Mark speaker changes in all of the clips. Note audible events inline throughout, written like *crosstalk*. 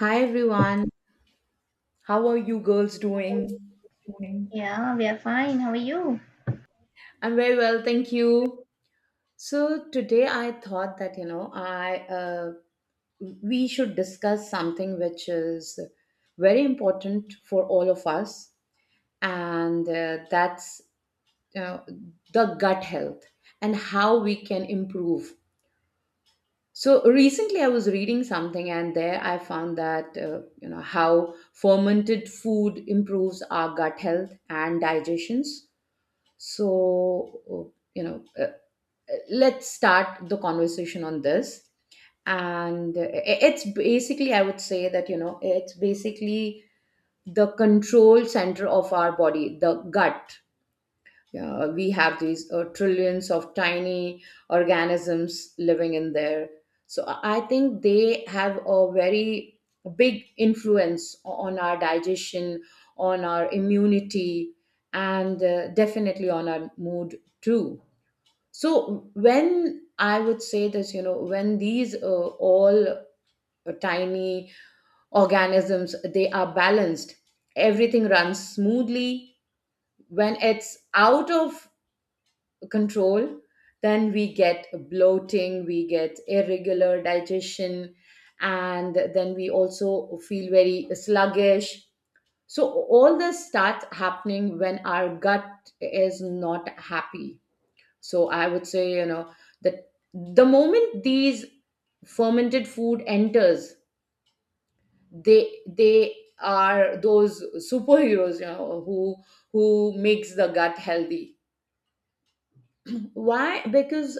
Speaker 1: Hi everyone, how are you girls doing?
Speaker 2: Yeah, we are fine. How are you?
Speaker 1: I'm very well, thank you. So today I thought that you know I we should discuss something which is very important for all of us, and that's you know, the gut health and how we can improve. So recently I was reading something, and there I found that you know how fermented food improves our gut health and digestions. So, uh, you know, uh, uh, let's start the conversation on this. And It's basically, I would say that, you know, it's basically the control center of our body, the gut. We have these trillions of tiny organisms living in there. So I think they have a very big influence on our digestion, on our immunity, and definitely on our mood too. So when I would say this, you know, when these all tiny organisms they are balanced, everything runs smoothly. When it's out of control, then we get bloating, we get irregular digestion, and then we also feel very sluggish. So all this starts happening when our gut is not happy. So I would say, you know, that the moment these fermented food enters, they are those superheroes, you know, who makes the gut healthy. Why? Because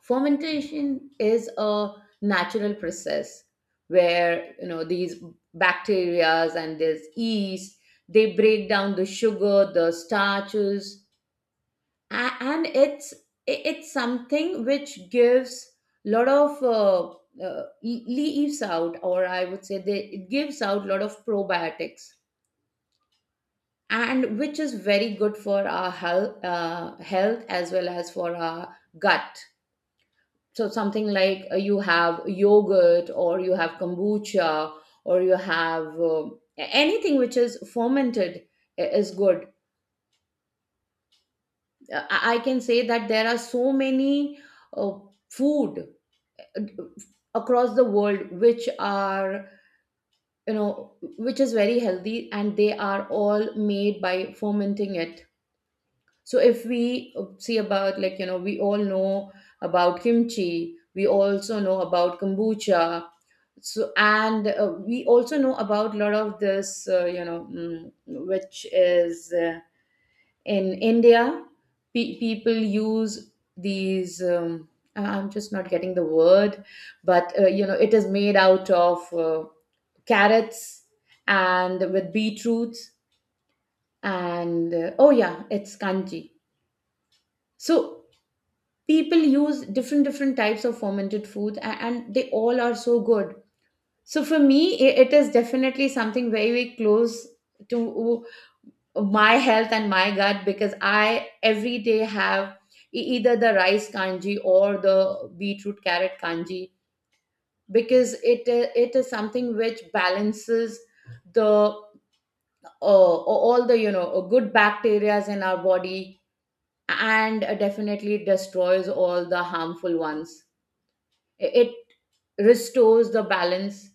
Speaker 1: fermentation is a natural process where you know these bacteria and this yeast they break down the sugar, the starches, and it's it's something which gives lot of leaves out, or I would say they, it gives out lot of probiotics, and which is very good for our health, health as well as for our gut. So something like you have yogurt, or you have kombucha, or you have anything which is fermented is good. I can say that there are so many uh, food across the world which are you know which is very healthy and they are all made by fermenting it. So if we see about like you know we all know about kimchi, we also know about kombucha. So and we also know about a lot of this which is in India, people use these. I'm just not getting the word, but you know, it is made out of carrots and with beetroots and oh yeah, it's kanji. So people use different different types of fermented foods, and they all are so good. So for me, it is definitely something very very close to my health and my gut, because I every day have either the rice kanji or the beetroot carrot kanji, because it is something which balances the all the you know good bacteria in our body and definitely destroys all the harmful ones. It restores the balance.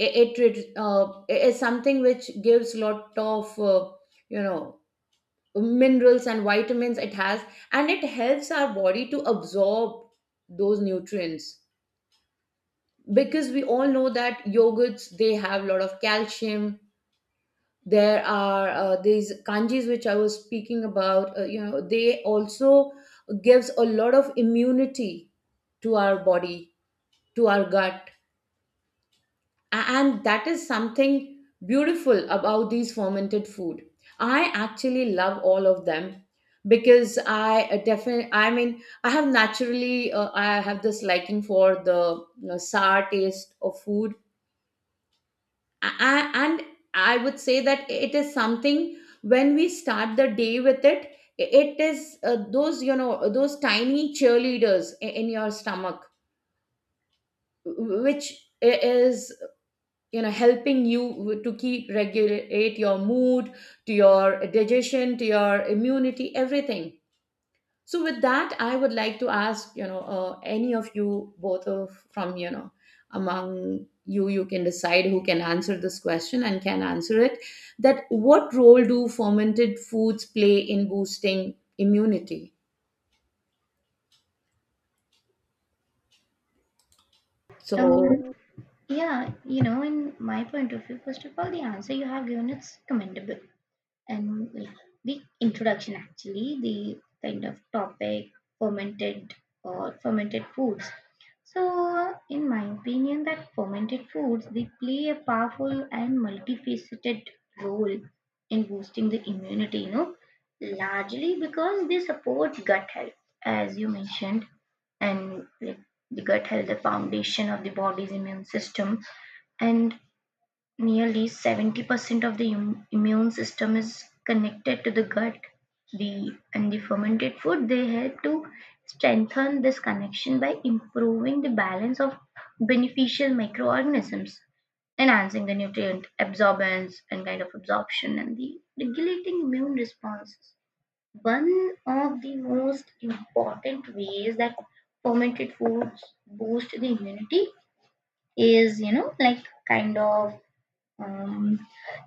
Speaker 1: It, uh, is something which gives lot of you know minerals and vitamins it has, and it helps our body to absorb those nutrients, because we all know that yogurts they have a lot of calcium. There are these kanjis which I was speaking about, you know they also gives a lot of immunity to our body, to our gut. And that is something beautiful about these fermented food. I actually love all of them, because I definitely I mean I have naturally I have this liking for the you know, sour taste of food. A- and I would say that it is something when we start the day with it, it is those you know those tiny cheerleaders in your stomach, which is you know helping you to keep regulate your mood, to your digestion, to your immunity, everything. So with that I would like to ask you know any of you, both of from you know among you, you can decide who can answer this question and can answer it, that what role do fermented foods play in boosting immunity.
Speaker 2: Um,
Speaker 1: So
Speaker 2: yeah, you know, in my point of view, first of all, the answer you have given is commendable. And like the introduction, actually the kind of topic fermented or fermented foods. So in my opinion, that fermented foods, they play a powerful and multifaceted role in boosting the immunity, you know, largely because they support gut health, as you mentioned. And like the gut health, the foundation of the body's immune system. And nearly 70% of the immune system is connected to the gut. The and the fermented food, they help to strengthen this connection by improving the balance of beneficial microorganisms, enhancing the nutrient absorbance and kind of absorption and the regulating immune responses. One of the most important ways that fermented foods boost the immunity is, you know, like kind of, um,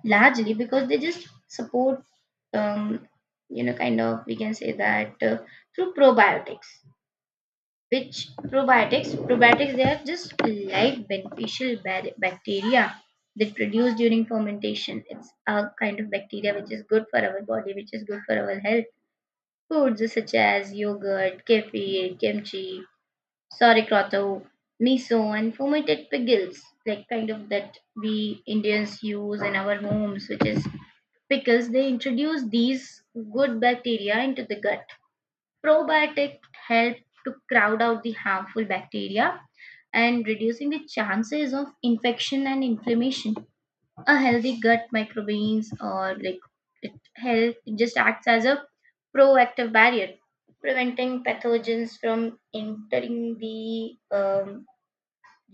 Speaker 2: largely because they just support, um, you know, kind of, we can say that through probiotics, which probiotics, they are just live beneficial bacteria that produce during fermentation. It's a kind of bacteria which is good for our body, which is good for our health. Foods such as yogurt, kefir, kimchi, sauerkraut, miso, and fermented pickles, like kind of that we Indians use in our homes, which is pickles. They introduce these good bacteria into the gut. Probiotic help to crowd out the harmful bacteria and reducing the chances of infection and inflammation. A healthy gut microbes, or like it help, it just acts as a proactive barrier, preventing pathogens from entering the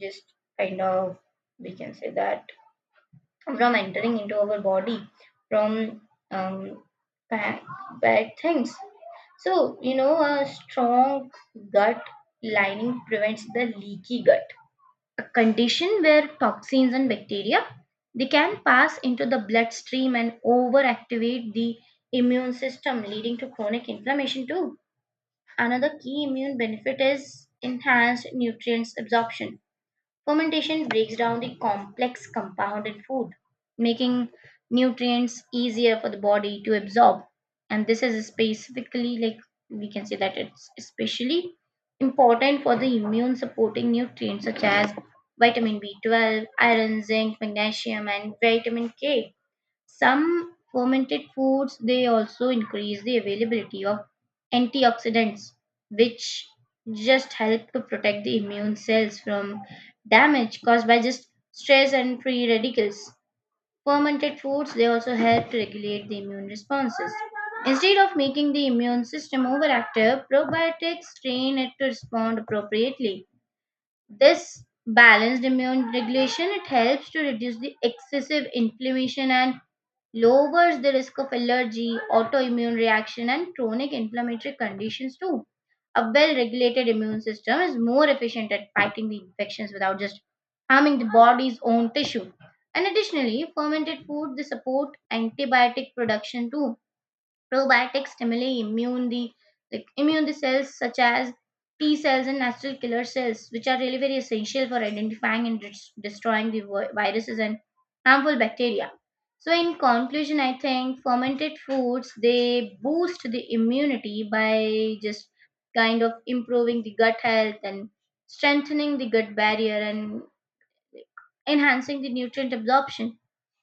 Speaker 2: just kind of, we can say that, from entering into our body from, um, bad, bad things. So, you know, a strong gut lining prevents the leaky gut, a condition where toxins and bacteria, they can pass into the bloodstream and overactivate the immune system, leading to chronic inflammation too. Another key immune benefit is enhanced nutrients absorption. Fermentation breaks down the complex compound in food, making nutrients easier for the body to absorb. And this is specifically, like, we can say that it's especially important for the immune supporting nutrients such as vitamin B12, iron, zinc, magnesium, and vitamin K. Some fermented foods, they also increase the availability of antioxidants, which just help to protect the immune cells from damage caused by just stress and free radicals. Fermented foods, they also help to regulate the immune responses. Instead of making the immune system overactive, probiotics train it to respond appropriately. This balanced immune regulation, it helps to reduce the excessive inflammation and lowers the risk of allergy, autoimmune reaction, and chronic inflammatory conditions too. A well regulated immune system is more efficient at fighting the infections without just harming the body's own tissue. And additionally, fermented food, they support antibiotic production too. Probiotics stimulate immune the, like, immune the cells such as T cells and natural killer cells, which are really very essential for identifying and destroying the viruses and harmful bacteria. So, in conclusion, I think fermented foods, they boost the immunity by just kind of improving the gut health and strengthening the gut barrier and enhancing the nutrient absorption,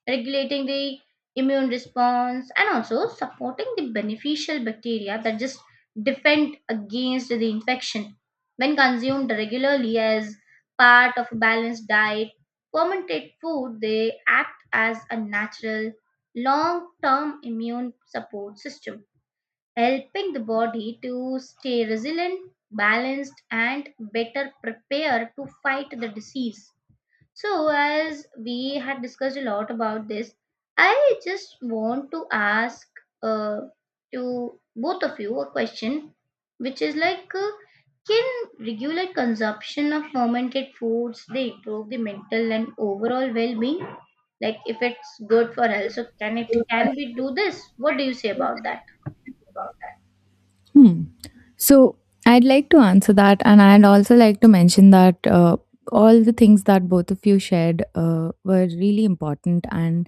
Speaker 2: regulating the immune response, and also supporting the beneficial bacteria that just defend against the infection. When consumed regularly as part of a balanced diet, fermented food, they act as a natural long-term immune support system, helping the body to stay resilient, balanced, and better prepared to fight the disease. So, as we had discussed a lot about this, I just want to ask uh, to both of you a question, which is like, can regular consumption of fermented foods, they improve the mental and overall well-being? Like, if it's good for health, so can it, can we do this? What do you say about that?
Speaker 3: Hmm. So I'd like to answer that, and I'd also like to mention that all the things that both of you shared were really important. And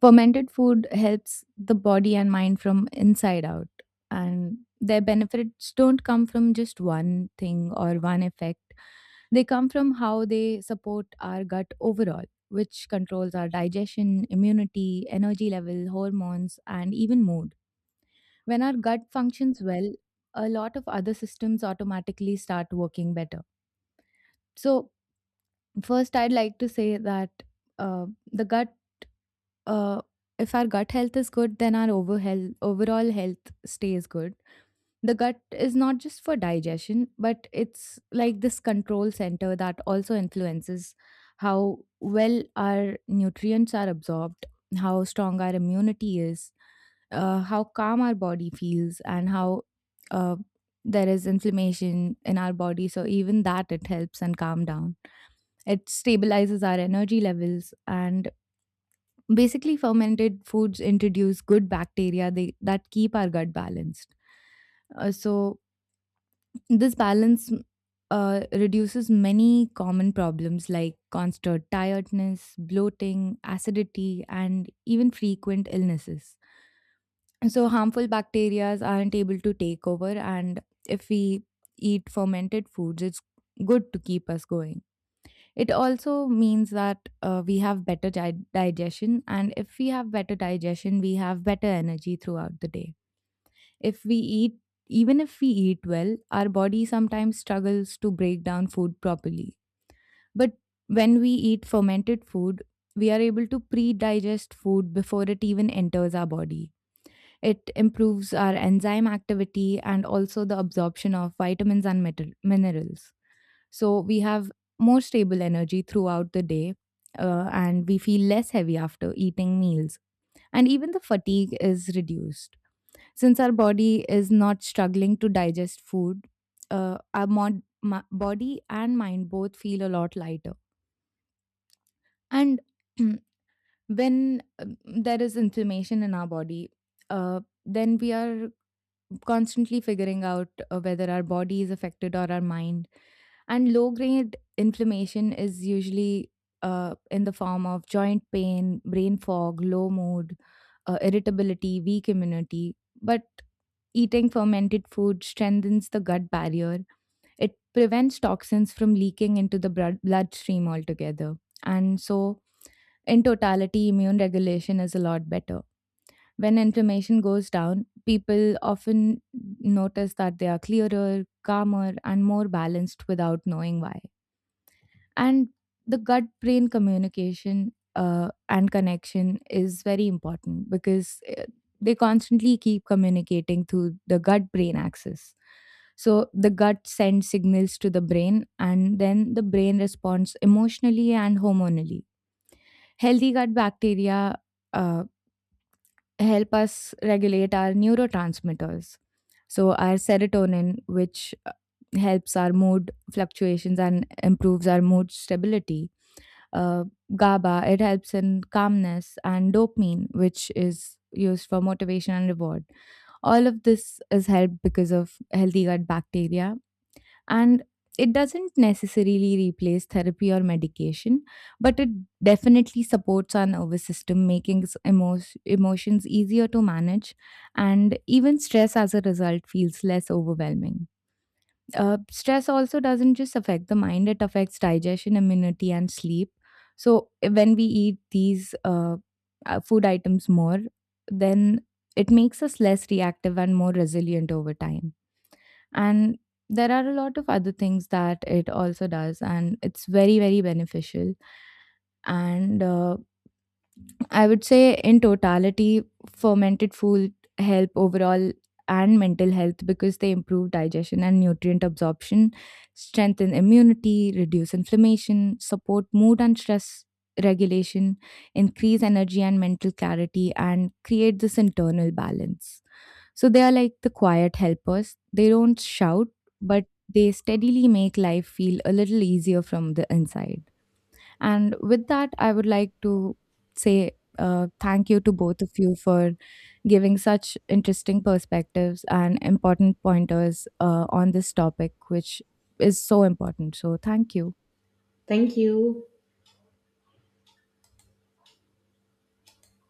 Speaker 3: fermented food helps the body and mind from inside out, and their benefits don't come from just one thing or one effect. They come from how they support our gut overall, which controls our digestion, immunity, energy level, hormones, and even mood when our gut functions well, a lot of other systems automatically start working better. So, first, I'd like to say that uh, the gut, uh, if our gut health is good, then our overall health stays good. The gut is not just for digestion, but it's like this control center that also influences how well our nutrients are absorbed, how strong our immunity is, how calm our body feels, and how uh, there is inflammation in our body. So, even that, it helps and calm down. It stabilizes our energy levels, and basically fermented foods introduce good bacteria that keep our gut balanced, so this balance reduces many common problems like constant tiredness, bloating, acidity, and even frequent illnesses. So, harmful bacteria aren't able to take over, and if we eat fermented foods, it's good to keep us going. It also means that we have better digestion, and if we have better digestion, we have better energy throughout the day. If we eat, Even if we eat well, our body sometimes struggles to break down food properly. But when we eat fermented food, we are able to pre digest food before it even enters our body. It improves our enzyme activity and also the absorption of vitamins and minerals. So we have more stable energy throughout the day, and we feel less heavy after eating meals. And even the fatigue is reduced. Since our body is not struggling to digest food, our body and mind both feel a lot lighter. And *clears throat* when there is inflammation in our body, uh, then we are constantly figuring out whether our body is affected or our mind. And low grade inflammation is usually, in the form of joint pain, brain fog, low mood, irritability, weak immunity. But eating fermented food strengthens the gut barrier. It prevents toxins from leaking into the bloodstream altogether. And so, in totality, immune regulation is a lot better. When inflammation goes down, people often notice that they are clearer, calmer, and more balanced without knowing why. And the gut brain communication and connection is very important, because they constantly keep communicating through the gut brain axis. So the gut sends signals to the brain, and then the brain responds emotionally and hormonally. Healthy gut bacteria uh, help us regulate our neurotransmitters. So our serotonin, which helps our mood fluctuations and improves our mood stability, uh, GABA, it helps in calmness, and dopamine, which is used for motivation and reward. All of this is helped because of healthy gut bacteria. And it doesn't necessarily replace therapy or medication, but it definitely supports our nervous system, making emotions easier to manage. And even stress as a result feels less overwhelming. Stress also doesn't just affect the mind, it affects digestion, immunity, and sleep. So when we eat these food items more, then it makes us less reactive and more resilient over time. And there are a lot of other things that it also does, and it's very very beneficial. And I would say in totality, fermented food help overall and mental health, because they improve digestion and nutrient absorption, strengthen immunity, reduce inflammation, support mood and stress regulation, increase energy and mental clarity, and create this internal balance. So they are like the quiet helpers. They don't shout, but they steadily make life feel a little easier from the inside. And with that, I would like to say thank you to both of you for giving such interesting perspectives and important pointers on this topic, which is so important. So, thank you.
Speaker 1: thank you.